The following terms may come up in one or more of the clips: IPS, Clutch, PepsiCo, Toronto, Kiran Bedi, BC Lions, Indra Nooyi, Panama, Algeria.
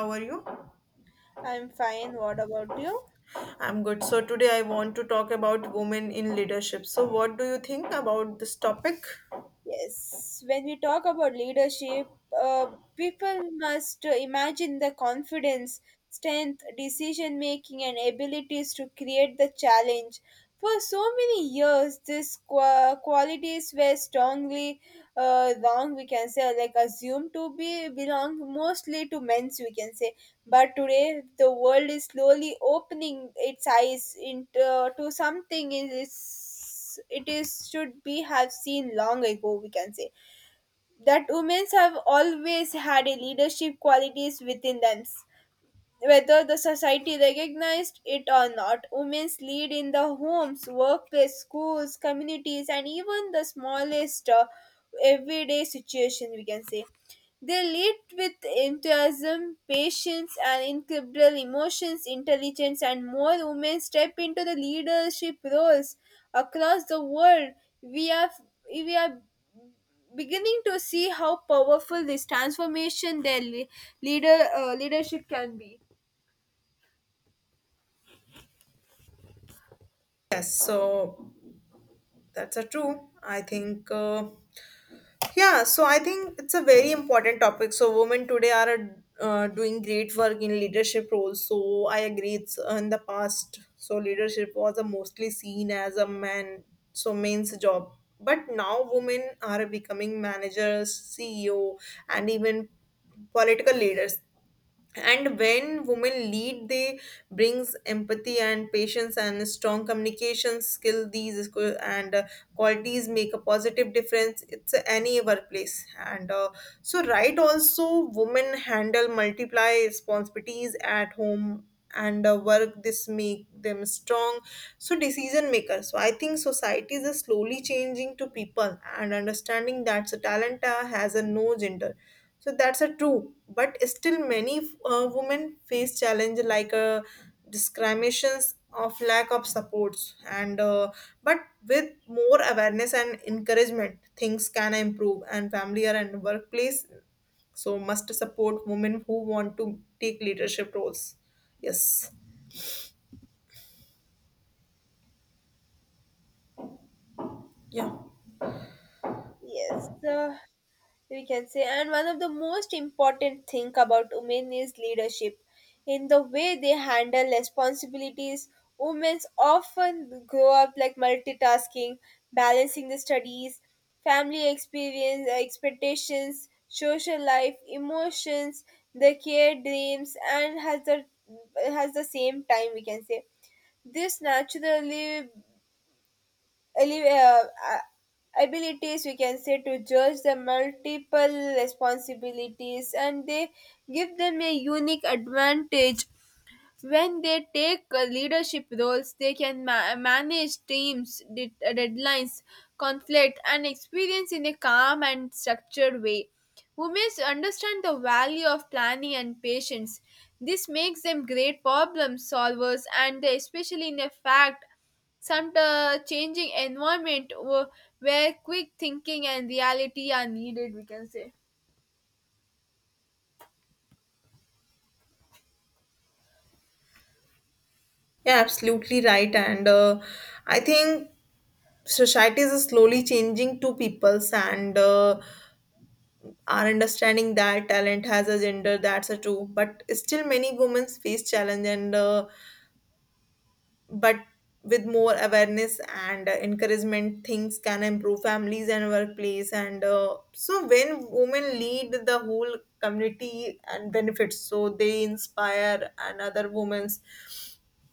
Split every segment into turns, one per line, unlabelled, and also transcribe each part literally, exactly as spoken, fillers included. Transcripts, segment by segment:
How are you?
I'm fine. What about you?
I'm good. So today I want to talk about women in leadership. So what do you think about this topic?
Yes, when we talk about leadership, uh, people must uh, imagine the confidence, strength, decision making, and abilities to create the challenge. For so many years, these qua- qualities were strongly uh, wrong we can say or like assumed to be belong mostly to men's we can say but today the world is slowly opening its eyes into to something it is it is should be have seen long ago we can say that women have always had a leadership qualities within them whether the society recognized it or not, women's lead in the homes, workplace, schools, communities, and even the smallest uh, everyday situation, we can say. They lead with enthusiasm, patience, and incredible emotions, intelligence, and more women step into the leadership roles across the world. We are we are beginning to see how powerful this transformation their le- leader uh, leadership can be.
Yes, so that's a true. I think uh, yeah, so I think it's a very important topic. So women today are uh, doing great work in leadership roles. So I agree. It's uh, in the past, so leadership was a mostly seen as a man, so men's job. But now women are becoming managers, C E O, and even political leaders, and when women lead they brings empathy and patience and strong communication skill, these squ- and uh, qualities make a positive difference. It's uh, Any workplace, and uh, so right. Also women handle multiply responsibilities at home and uh, work. This make them strong, so decision makers. So I think societies are slowly changing to people and understanding that so talent uh, has a no gender. So that's a true, but still many uh, women face challenge like uh, discriminations of lack of supports, and uh, but with more awareness and encouragement things can improve, and familiar and workplace, so must support women who want to take leadership roles. Yes. Yeah.
Yes, uh, we can say. And one of the most important thing about women is leadership. In the way they handle responsibilities, women often grow up like multitasking, balancing the studies, family experience, uh, expectations, social life, emotions, the care dreams, and has the has the same time we can say. This naturally ali- uh, uh, abilities we can say to judge the multiple responsibilities, and they give them a unique advantage. When they take uh, leadership roles, they can ma- manage teams, de- deadlines, conflict, and experience in a calm and structured way. Women understand the value of planning and patience. This makes them great problem solvers, and they- especially in the fact some uh, changing environment wh- where quick thinking and reality are needed. We can say.
Yeah, absolutely right. and uh, I think society is slowly changing to peoples, and uh, are understanding that talent has a gender. That's a true, but still many women face challenge, and uh, but with more awareness and uh, encouragement things can improve families and workplace, and uh, so when women lead the whole community and benefits, so they inspire another women's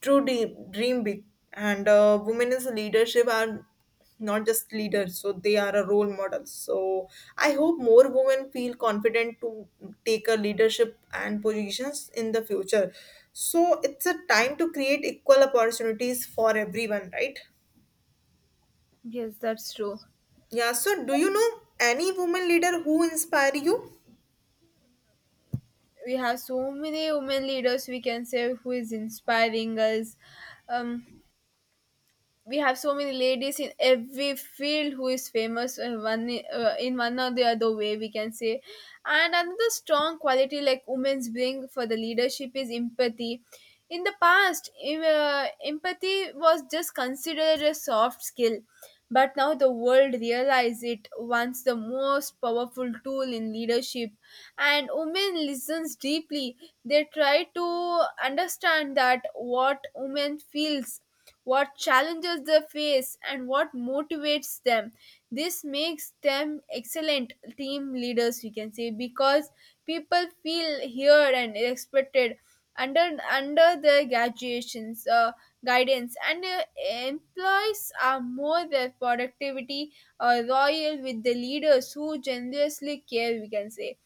true dream, dream big. And uh, Women in leadership are not just leaders, so they are a role model. So I hope more women feel confident to take a leadership and positions in the future. So it's a time to create equal opportunities for everyone, right?
Yes, that's true.
Yeah, so do you know any woman leader who inspire you?
We have so many women leaders we can say who is inspiring us. um, we have so many ladies in every field who is famous uh, one uh, in one or the other way we can say. And another strong quality like women's bring for the leadership is empathy. In the past, em- uh, empathy was just considered a soft skill, but now the world realize it once the most powerful tool in leadership. And women listens deeply. They try to understand that what women feels, what challenges they face, and what motivates them. This makes them excellent team leaders we can say, because people feel heard and expected under under their graduations uh, guidance, and uh, employees are more their productivity uh, loyal with the leaders who generously care, we can say.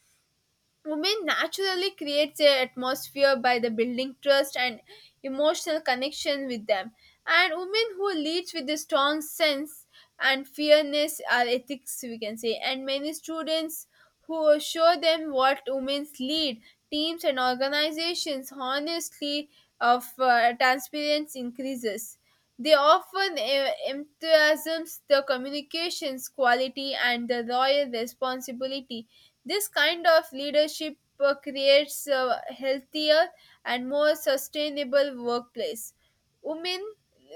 Women naturally creates an atmosphere by the building trust and emotional connection with them. And women who leads with a strong sense and fairness are ethics we can say, and many students who show them what women's lead teams and organizations honestly of uh, transparency increases. They often e- emphasize the communications quality and the royal responsibility. This kind of leadership uh, creates a healthier and more sustainable workplace. Women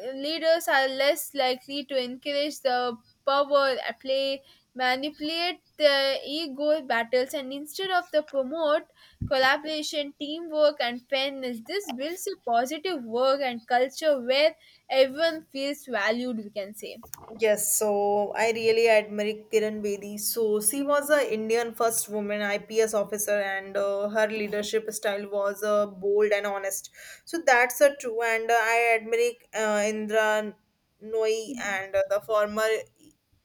uh, leaders are less likely to encourage the power play, manipulate the ego battles, and instead of the promote collaboration, teamwork, and fairness. This builds a positive work and culture where everyone feels valued, we can say.
Yes, so I really admire Kiran Bedi. So she was a Indian first woman I P S officer, and uh, her leadership style was uh, bold and honest. So that's a true. And uh, I admire uh, Indra Nooyi, and uh, the former,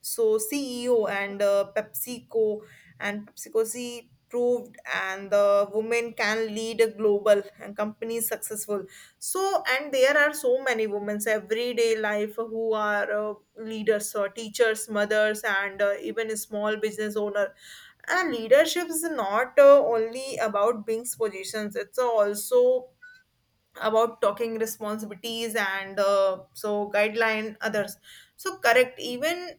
so C E O, and uh, PepsiCo, and PepsiCo. She proved and the women can lead a global and company successful. So and there are so many women's everyday life who are uh, leaders, uh, teachers, mothers, and uh, even a small business owner. And leadership is not uh, only about being positions. It's also about talking responsibilities, and uh, so guideline others. So correct, even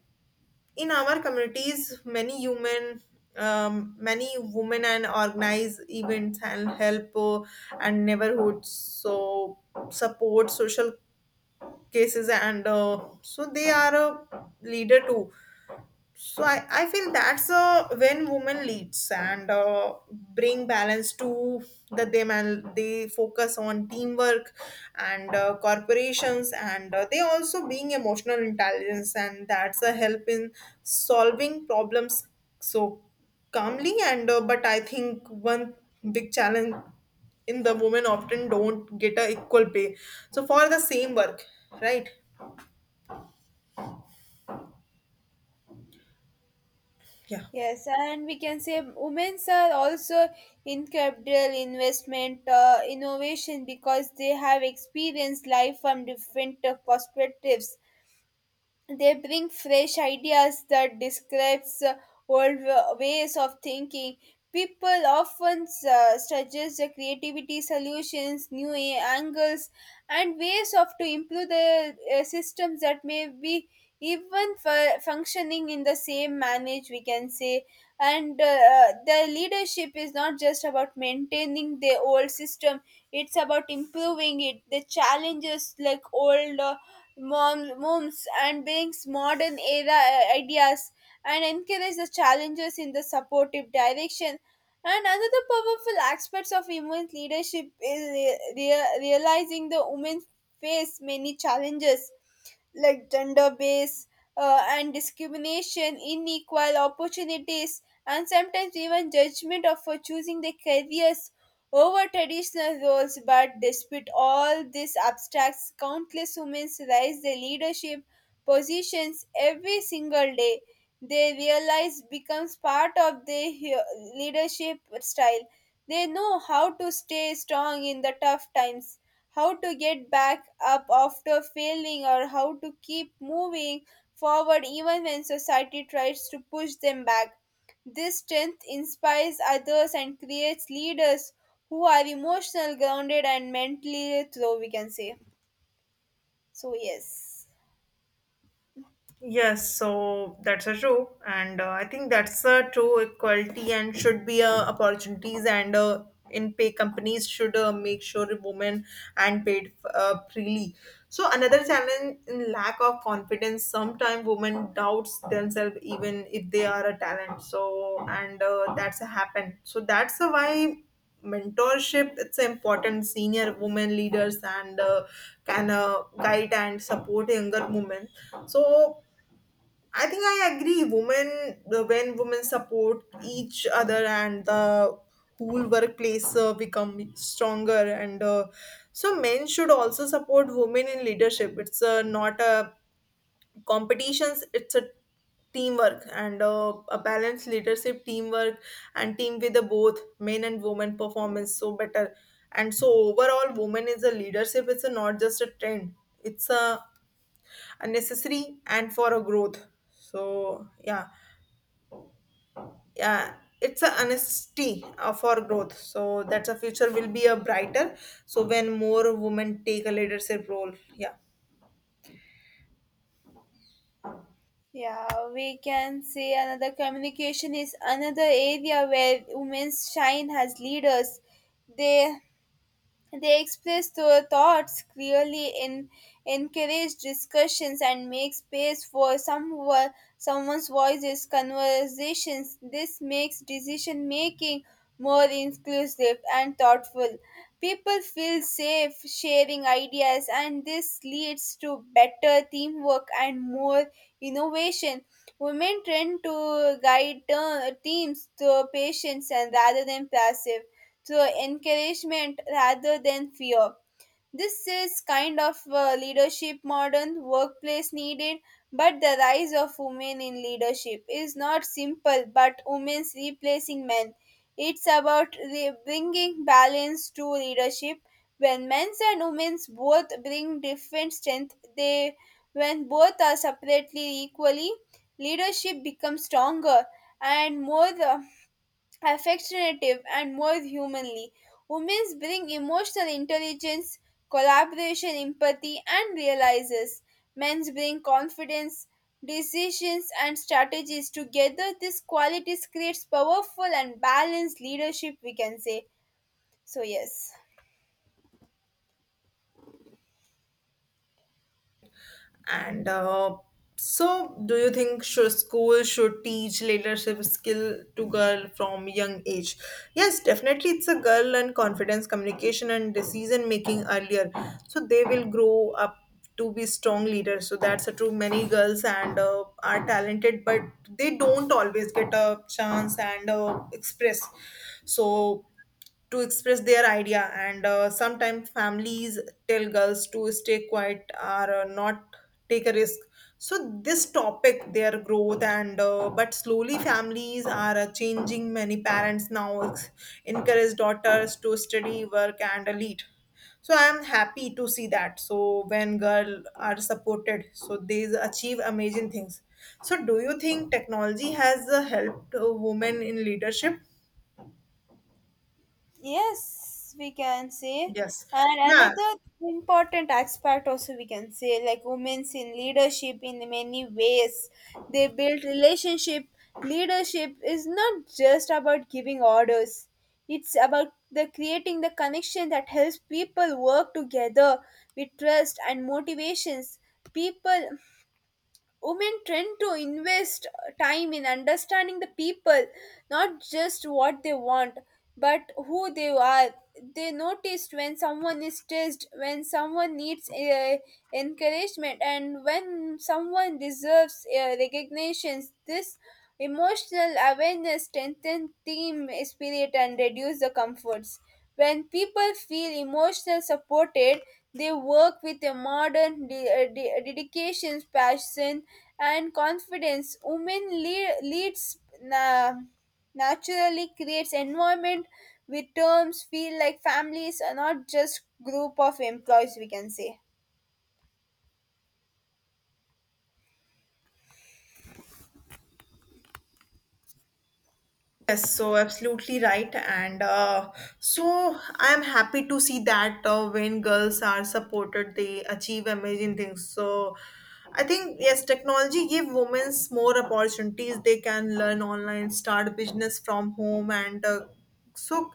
in our communities, many human um, many women and organize events and help, uh, and neighborhoods, so support social cases, and uh, so they are a leader too. So I, I feel that's uh, when women leads, and uh, bring balance to the them, and they focus on teamwork and uh, corporations, and uh, they also being emotional intelligence, and that's a help in solving problems so calmly. And uh, But I think one big challenge in the women often don't get a equal pay, so for the same work, right? Yeah.
Yes, and we can say women's are also in capital investment uh, innovation, because they have experienced life from different uh, perspectives. They bring fresh ideas that describes uh, old w- ways of thinking. People often uh, suggest the creativity solutions, new a- angles, and ways of to improve the uh, systems that may be even for functioning in the same manage we can say. And uh, the leadership is not just about maintaining the old system. It's about improving it the challenges like old uh, mom, moms and brings modern era uh, ideas and encourage the challenges in the supportive direction. And another powerful aspects of women's leadership is re- rea- realizing the women face many challenges like gender based uh, and discrimination, unequal opportunities, and sometimes even judgment of for choosing their careers over traditional roles. But despite all these obstacles, countless women rise their leadership positions every single day. They realize becomes part of their hu- leadership style. They know how to stay strong in the tough times, how to get back up after failing, or how to keep moving forward even when society tries to push them back. This strength inspires others and creates leaders who are emotional, grounded, and mentally through, we can say. So, yes.
Yes, so that's a true, and uh, I think that's a true equality and should be uh, opportunities and uh, in pay. Companies should uh, make sure women and paid uh, freely. So another challenge in lack of confidence. Sometimes women doubts themselves even if they are a talent. So and uh, that's a happen. So that's a why mentorship it's important. Senior women leaders and uh, can uh, guide and support younger women. So I think I agree. Women, the- when women support each other, and the whole workplace uh, become stronger, and uh, so men should also support women in leadership. It's uh, not a competitions. It's a teamwork, and uh, a balanced leadership teamwork, and team with the both men and women performance so better. And so overall, women is a leadership. It's a not just a trend. It's a a necessary and for a growth. So yeah. Yeah, it's a honesty uh, for growth. So that's a future will be a brighter. So when more women take a leadership role. Yeah.
Yeah, we can say another communication is another area where women shine as leaders. They They express their thoughts clearly, in, encourage discussions, and make space for some vo- someone's voices, conversations. This makes decision making more inclusive and thoughtful. People feel safe sharing ideas, and this leads to better teamwork and more innovation. Women tend to guide uh, teams to patience and rather than passive to encouragement rather than fear. This is kind of uh, leadership modern workplace needed, but the rise of women in leadership is not simple, but women's replacing men. It's about re- bringing balance to leadership. When men's and women's both bring different strength, they when both are separately equally, leadership becomes stronger and more uh, affectionate and more humanly. Women bring emotional intelligence, collaboration, empathy, and realizes. Men bring confidence, decisions, and strategies. Together, these qualities creates powerful and balanced leadership. We can say. So, yes.
And uh, So, do you think should school should teach leadership skill to girl from young age? Yes, definitely, it's a girl and confidence, communication, and decision making earlier, so they will grow up to be strong leaders. So that's a true. Many girls and uh, are talented, but they don't always get a chance and uh, express. So to express their idea, and uh, sometimes families tell girls to stay quiet or uh, not take a risk. So this topic their growth, and uh, but slowly families are uh, changing. Many parents now ex- encourage daughters to study work and uh, lead. So I am happy to see that. So when girl are supported, so they achieve amazing things. So do you think technology has uh, helped uh, women in leadership?
Yes, we can say.
Yes.
And
Yeah.
another important aspect also we can say, like women's in leadership in many ways. They build relationship. Leadership is not just about giving orders. It's about the creating the connection that helps people work together with trust and motivations. People Women tend to invest time in understanding the people, not just what they want but who they are. They noticed when someone is stressed, when someone needs uh, encouragement, and when someone deserves uh, recognitions. This emotional awareness strengthens team spirit and reduce the comforts. When people feel emotionally supported, they work with a modern de- uh, de- uh, dedication, passion, and confidence. Women lead, leads na- naturally creates environment where terms feel like families, are not just group of employees, we can say.
Yes, so absolutely right. And uh, So I'm happy to see that uh, when girls are supported, they achieve amazing things. So I think, yes, technology give women more opportunities. They can learn online, start business from home, and uh, so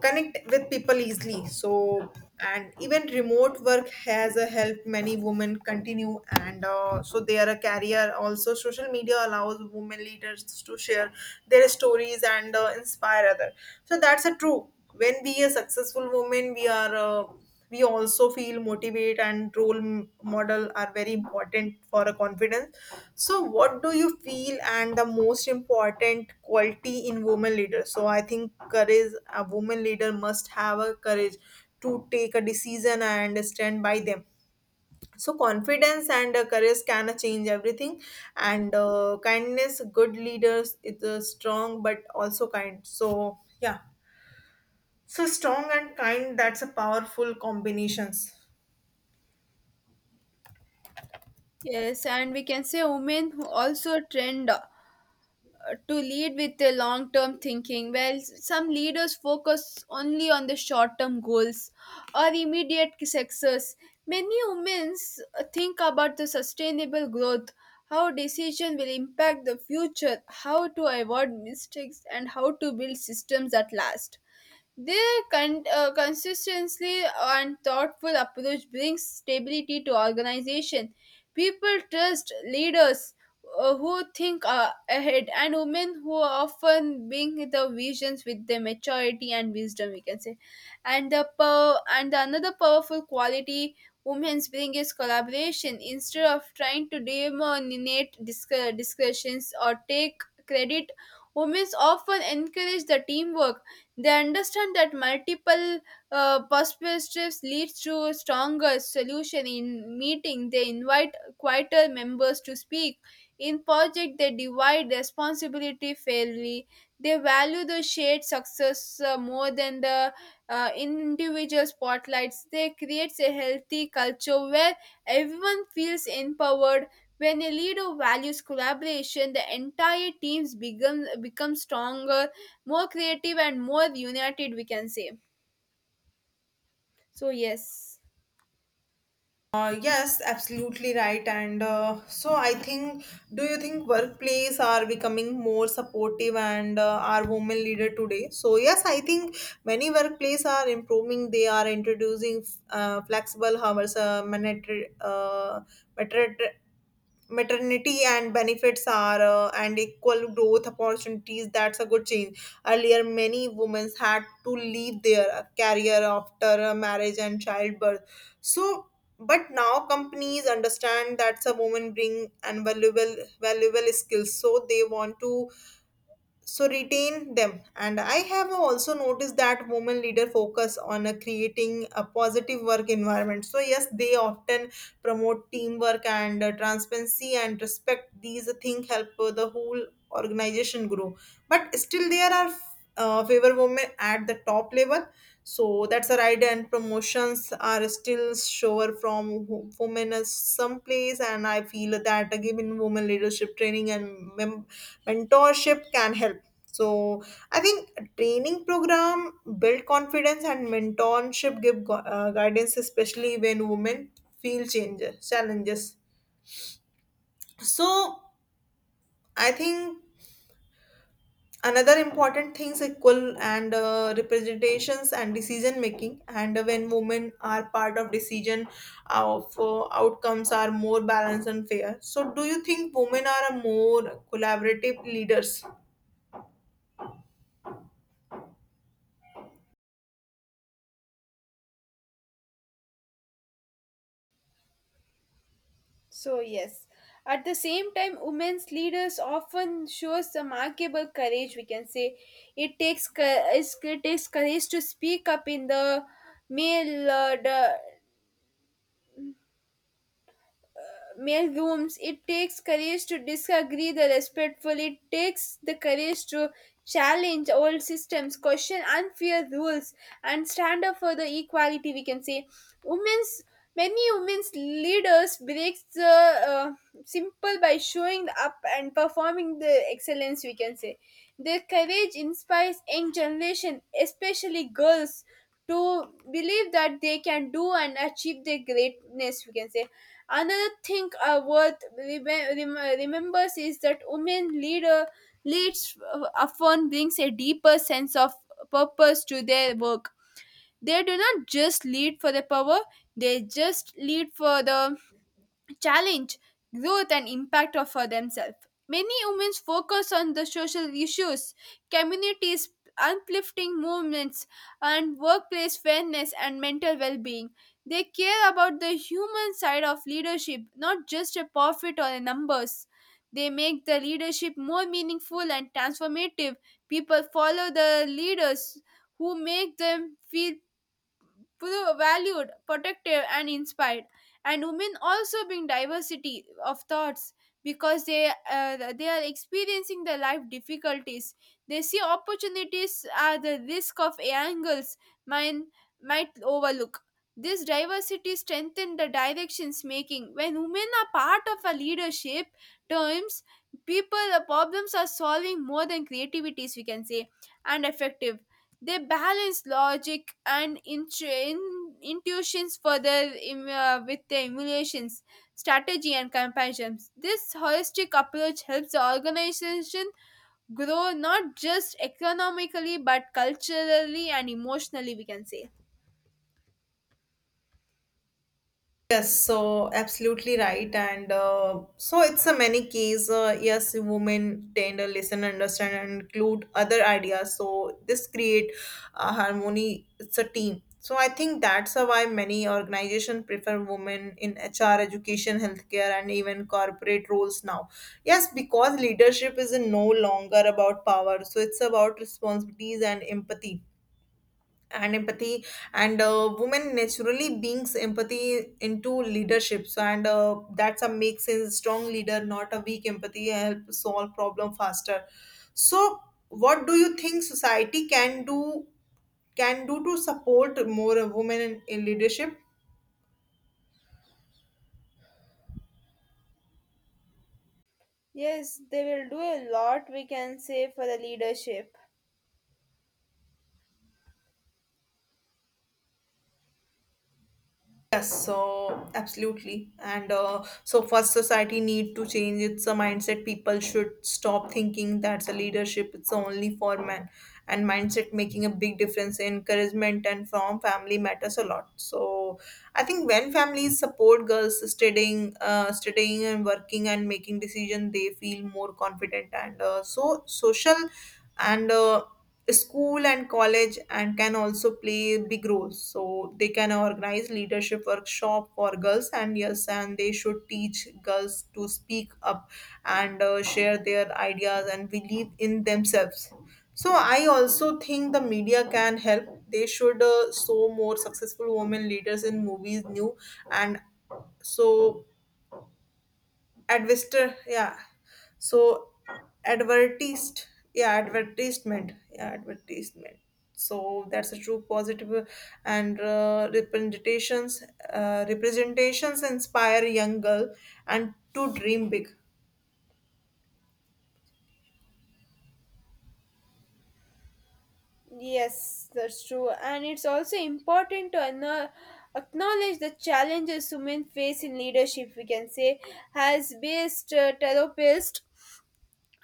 connect with people easily. So and even remote work has uh, helped many women continue, and uh, so they are a career. Also social media allows women leaders to share their stories and uh, inspire other. So that's a true. When we are successful women, we are uh, we also feel motivate, and role m- model are very important for a confidence. So what do you feel and the most important quality in women leader? So I think courage. A woman leader must have a courage to take a decision and stand by them. So confidence and uh, courage can change everything. And uh, kindness. Good leaders is uh, strong but also kind. So yeah, so strong and kind, that's a powerful combinations.
Yes, and we can say women also trend to lead with the long term thinking. Well, some leaders focus only on the short term goals or immediate success. Many women think about the sustainable growth, how decision will impact the future, how to avoid mistakes, and how to build systems that last. Their con- uh, consistency and thoughtful approach brings stability to organization. People trust leaders uh, who think uh, ahead, and women who often bring the visions with the maturity and wisdom we can say. And the power and the another powerful quality women's bring is collaboration, instead of trying to dominate disc- discussions or take credit. Women often encourage the teamwork. They understand that multiple uh, perspectives leads to stronger solution. In meeting, they invite quieter members to speak. In project, they divide responsibility fairly. They value the shared success uh, more than the uh, individual spotlights. They creates a healthy culture where everyone feels empowered. When a leader values collaboration, the entire teams become become stronger, more creative, and more united. We can say. So, yes.
Uh, yes, absolutely right, and uh, so I think, do you think workplace are becoming more supportive, and uh, are women leader today? So yes, I think many workplace are improving. They are introducing uh, flexible hours, uh, mandatory uh, mater- maternity and benefits are uh, and equal growth opportunities. That's a good change. Earlier many women had to leave their career after uh, marriage and childbirth. So but now companies understand that a woman bring invaluable valuable skills, so they want to so retain them. And I have also noticed that women leader focus on uh, creating a positive work environment. So yes, they often promote teamwork and uh, transparency and respect. These things help uh, the whole organization grow. But still there are uh, favor women at the top level. So that's a right. And promotions are still sure from wo- women as some place, and I feel that uh, given women leadership training and mem- mentorship can help. So I think a training program build confidence, and mentorship give gu- uh, guidance, especially when women feel changes challenges. So I think another important things, equal and uh, representations and decision making, and when women are part of decision of uh, outcomes are more balanced and fair. So do you think women are a more collaborative leaders?
So yes, at the same time, women's leaders often shows remarkable courage. We can say it takes cou- it's- it takes courage to speak up in the male uh, male rooms. It takes courage to disagree the respectful. It takes the courage to challenge old systems, question unfair rules, and stand up for the equality. We can say, women's many women's leaders breaks the uh, simple by showing up and performing the excellence. We can say, their courage inspires young generation, especially girls, to believe that they can do and achieve their greatness, we can say. Another thing uh, worth remem- rem- remembers is that women leader leads uh, often brings a deeper sense of purpose to their work. They do not just lead for the power. They just lead for the challenge, growth, and impact of for themselves. Many women focus on the social issues, communities, uplifting movements, and workplace fairness and mental well-being. They care about the human side of leadership, not just a profit or a numbers. They make the leadership more meaningful and transformative. People follow the leaders who make them feel pro- valued, protective, and inspired. And women also bring diversity of thoughts because they uh, they are experiencing the life difficulties. They see opportunities at the risk of angles mine might overlook. This diversity strengthens the directions making. When women are part of a leadership terms, people the problems are solving more than creativities we can say and effective. They balance logic and int- in- intuitions further im- uh, with the emulations, strategy, and comparisons. This holistic approach helps the organization grow not just economically but culturally and emotionally, we can say.
Yes, so absolutely right, and uh, so it's a many case. Uh, yes, women tend to listen, understand, and include other ideas. So this create a harmony. It's a team. So I think that's a why many organizations prefer women in H R, education, healthcare, and even corporate roles now. Yes, because leadership is no longer about power. So it's about responsibilities and empathy and empathy, and uh, women naturally brings empathy into leaderships, and uh, that's a makes a strong leader not a weak. Empathy help solve problem faster. So what do you think society can do, can do to support more women in, in leadership?
Yes, they will do a lot, we can say, for the leadership.
Yes, so absolutely. And uh, So first society need to change its uh, mindset. People should stop thinking that's a leadership. It's only for men. And mindset making a big difference. Encouragement and from family matters a lot. So I think when families support girls studying, uh, studying and working and making decision, they feel more confident. And uh, So social and uh, school and college and can also play big roles. So they can organize leadership workshop for girls. And yes, and they should teach girls to speak up and uh, share their ideas and believe in themselves. So I also think the media can help. They should uh, show more successful women leaders in movies, new, and so advisor, yeah, so advertised, yeah advertisement, yeah, advertisement. So that's a true positive and uh, representations. Uh, representations inspire young girl, and to dream big.
Yes, that's true. And it's also important to ano- acknowledge the challenges women face in leadership, we can say, as based uh, therapist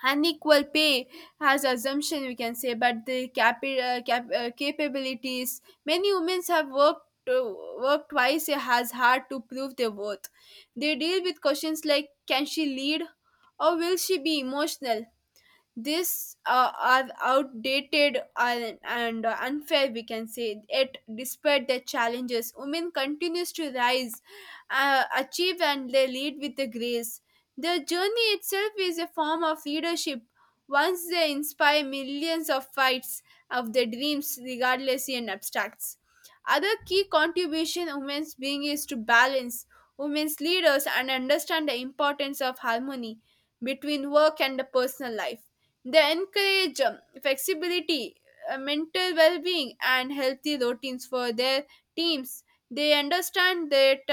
unequal pay has assumption we can say, but the cap- uh, cap- uh, capabilities many women have worked uh, worked twice as hard to prove their worth. They deal with questions like can she lead or will she be emotional. This uh, are outdated and, and unfair, we can say. Yet, despite the challenges, women continues to rise, uh, achieve, and they lead with the grace. Their journey itself is a form of leadership. Once they inspire millions of fights of their dreams, regardless in abstracts. Other key contribution women's being is to balance women's leaders and understand the importance of harmony between work and the personal life. They encourage um, flexibility, uh, mental well being, and healthy routines for their teams. They understand they ti-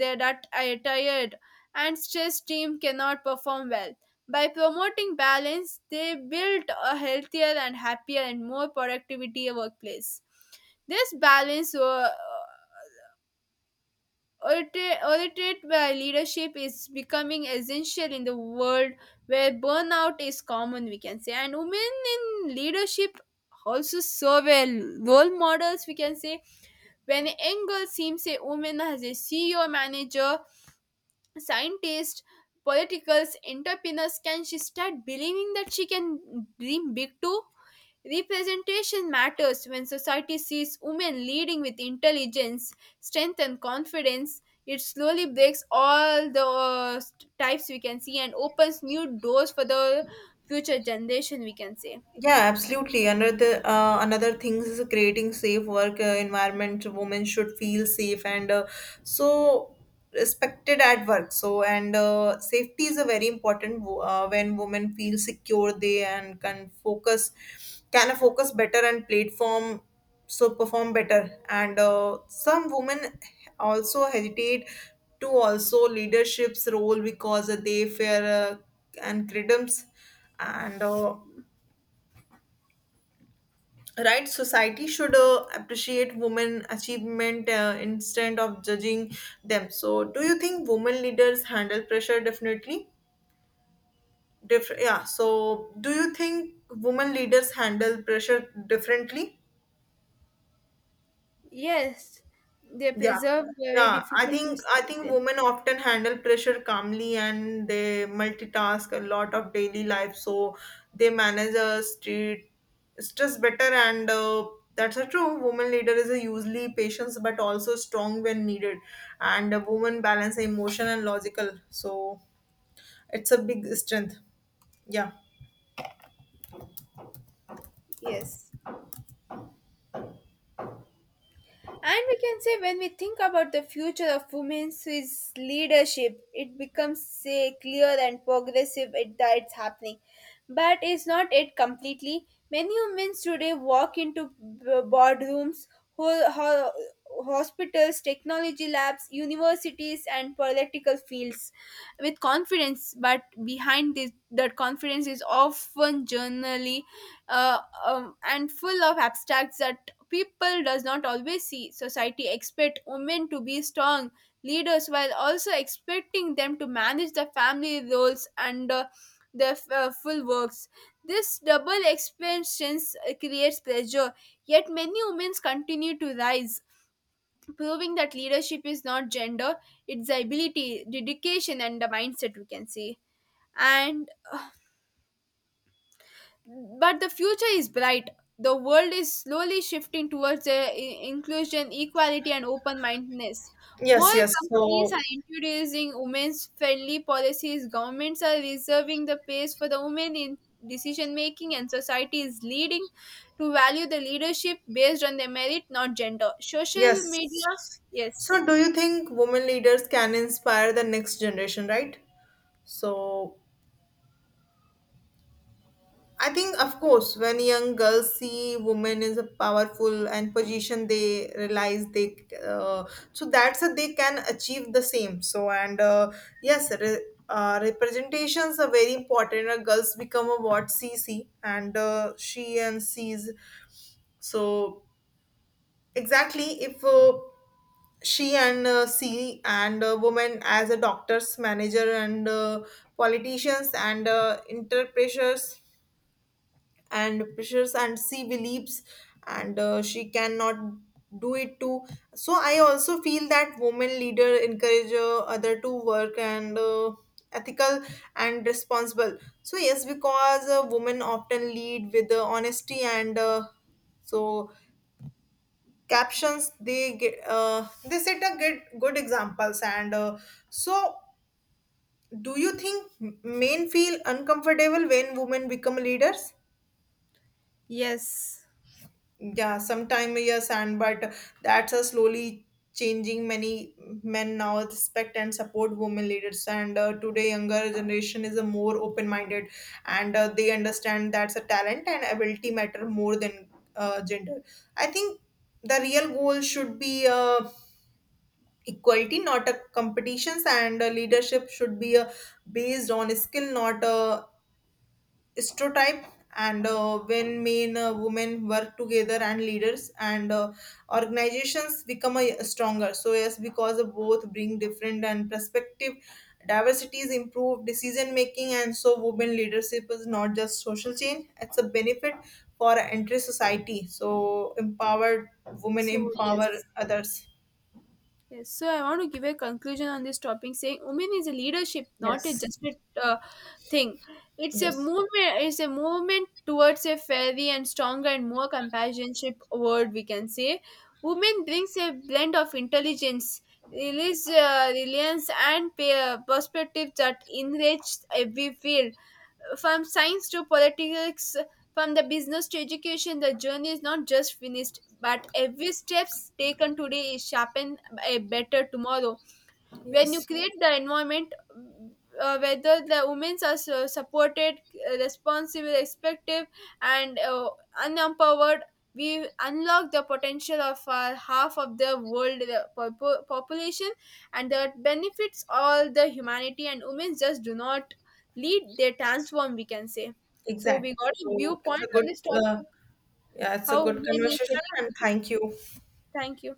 they that a tired and stressed team cannot perform well. By promoting balance, they build a healthier and happier and more productivity workplace. This balance uh, Audit- Audited by leadership is becoming essential in the world where burnout is common, we can say. And women in leadership also serve as role models, we can say. When a young girl seems a woman as a C E O manager, scientists, politicals, entrepreneurs. Can she start believing that she can dream big too? Representation matters when society sees women leading with intelligence, strength, and confidence. It slowly breaks all the uh, st- types we can see and opens new doors for the future generation, we can say.
Yeah, absolutely. Another uh, another things is creating safe work uh, environment. Women should feel safe and uh, so respected at work. So and uh, safety is a very important. Wo- Uh, when women feel secure, they and can focus, can focus better and platform, so perform better. And uh, Some women also hesitate to also leadership's role because they fear uh, and credence and. Uh, right, society should uh, appreciate women achievement uh, instead of judging them. So do you think women leaders handle pressure definitely different? Yeah, so do you think women leaders handle pressure differently?
Yes, they
Yeah.
preserve very
Yeah, I
difficult.
think I think women often handle pressure calmly, and they multitask a lot of daily life, so they manage a street, stress better. And uh, That's a true. Woman leader is a usually patient but also strong when needed, and a woman balance emotion and logical. So it's a big strength. Yeah.
Yes. And we can say when we think about the future of women's is leadership, it becomes say clear and progressive it that it's happening. But it's not it completely. Many women today walk into b- boardrooms, ho- ho- hospitals, technology labs, universities, and political fields with confidence. But behind this, that confidence is often generally uh, um, and full of abstracts that people does not always see. Society expect women to be strong leaders while also expecting them to manage the family roles and uh, the uh, full works. This double expectations uh, creates pressure, yet many women continue to rise, proving that leadership is not gender, it's ability, dedication, and the mindset, we can see. And but the future is bright. The world is slowly shifting towards the i- inclusion, equality, and open mindedness.
Yes.
More
Yes.
companies
So
are introducing women's friendly policies, governments are reserving the place for the women in decision making, and society is leading to value the leadership based on their merit, not gender. Social media,
yes.
yes.
So do you think women leaders can inspire the next generation? Right. So I think, of course, when young girls see women is a powerful and position, they realize they uh, so that's a, they can achieve the same. So and uh, yes, re, uh, representations are very important. Uh, girls become a what she see, and uh, she and sees. So exactly, if uh, she and uh, see and uh, women as a doctors, manager, and uh, politicians and uh, interpreters and pressures, and she believes, and uh, she cannot do it too. So I also feel that women leader encourage uh, other to work and uh, ethical and responsible. So yes, because uh, women often lead with uh, honesty, and uh, so captions they get, uh, they set a good good examples, and uh, so do you think men feel uncomfortable when women become leaders?
Yes.
Yeah, sometime yes, and but that's a slowly changing. Many men now respect and support women leaders, and uh, today younger generation is a more open minded, and uh, they understand that's a talent and ability matter more than uh, gender. I think the real goal should be uh, equality, not a competitions, and uh, leadership should be uh, based on skill, not a stereotype, and uh, when men uh, women work together and leaders, and uh, organizations become a stronger. So yes, because of both bring different and perspective. Diversity is improved decision making, and so women leadership is not just social change, it's a benefit for entire society. So empowered women
So,
empower
yes.
others.
Yes, so I want to give a conclusion on this topic saying women is a leadership, not a
Yes.
just a uh, thing. It's a
Yes.
movement. It's a movement towards a fairy and stronger and more companionship world. We can say, women brings a blend of intelligence, release, uh, reliance, and pe- uh, perspective that enriches every field, from science to politics, from the business to education. The journey is not just finished, but every steps taken today is sharpened a better tomorrow when you
Yes.
create the environment uh, whether the women are su- supported, uh, responsible, respective, and uh, unempowered. We unlock the potential of uh, half of the world uh, popu- population, and that benefits all the humanity. And women just do not lead, they transform, we can say. So we
Exactly.
got a
So it's a
viewpoint on
good
this
uh,
topic,
yeah, it's a
how
good
women is a
conversation, and
leadership.
thank you.
Thank you.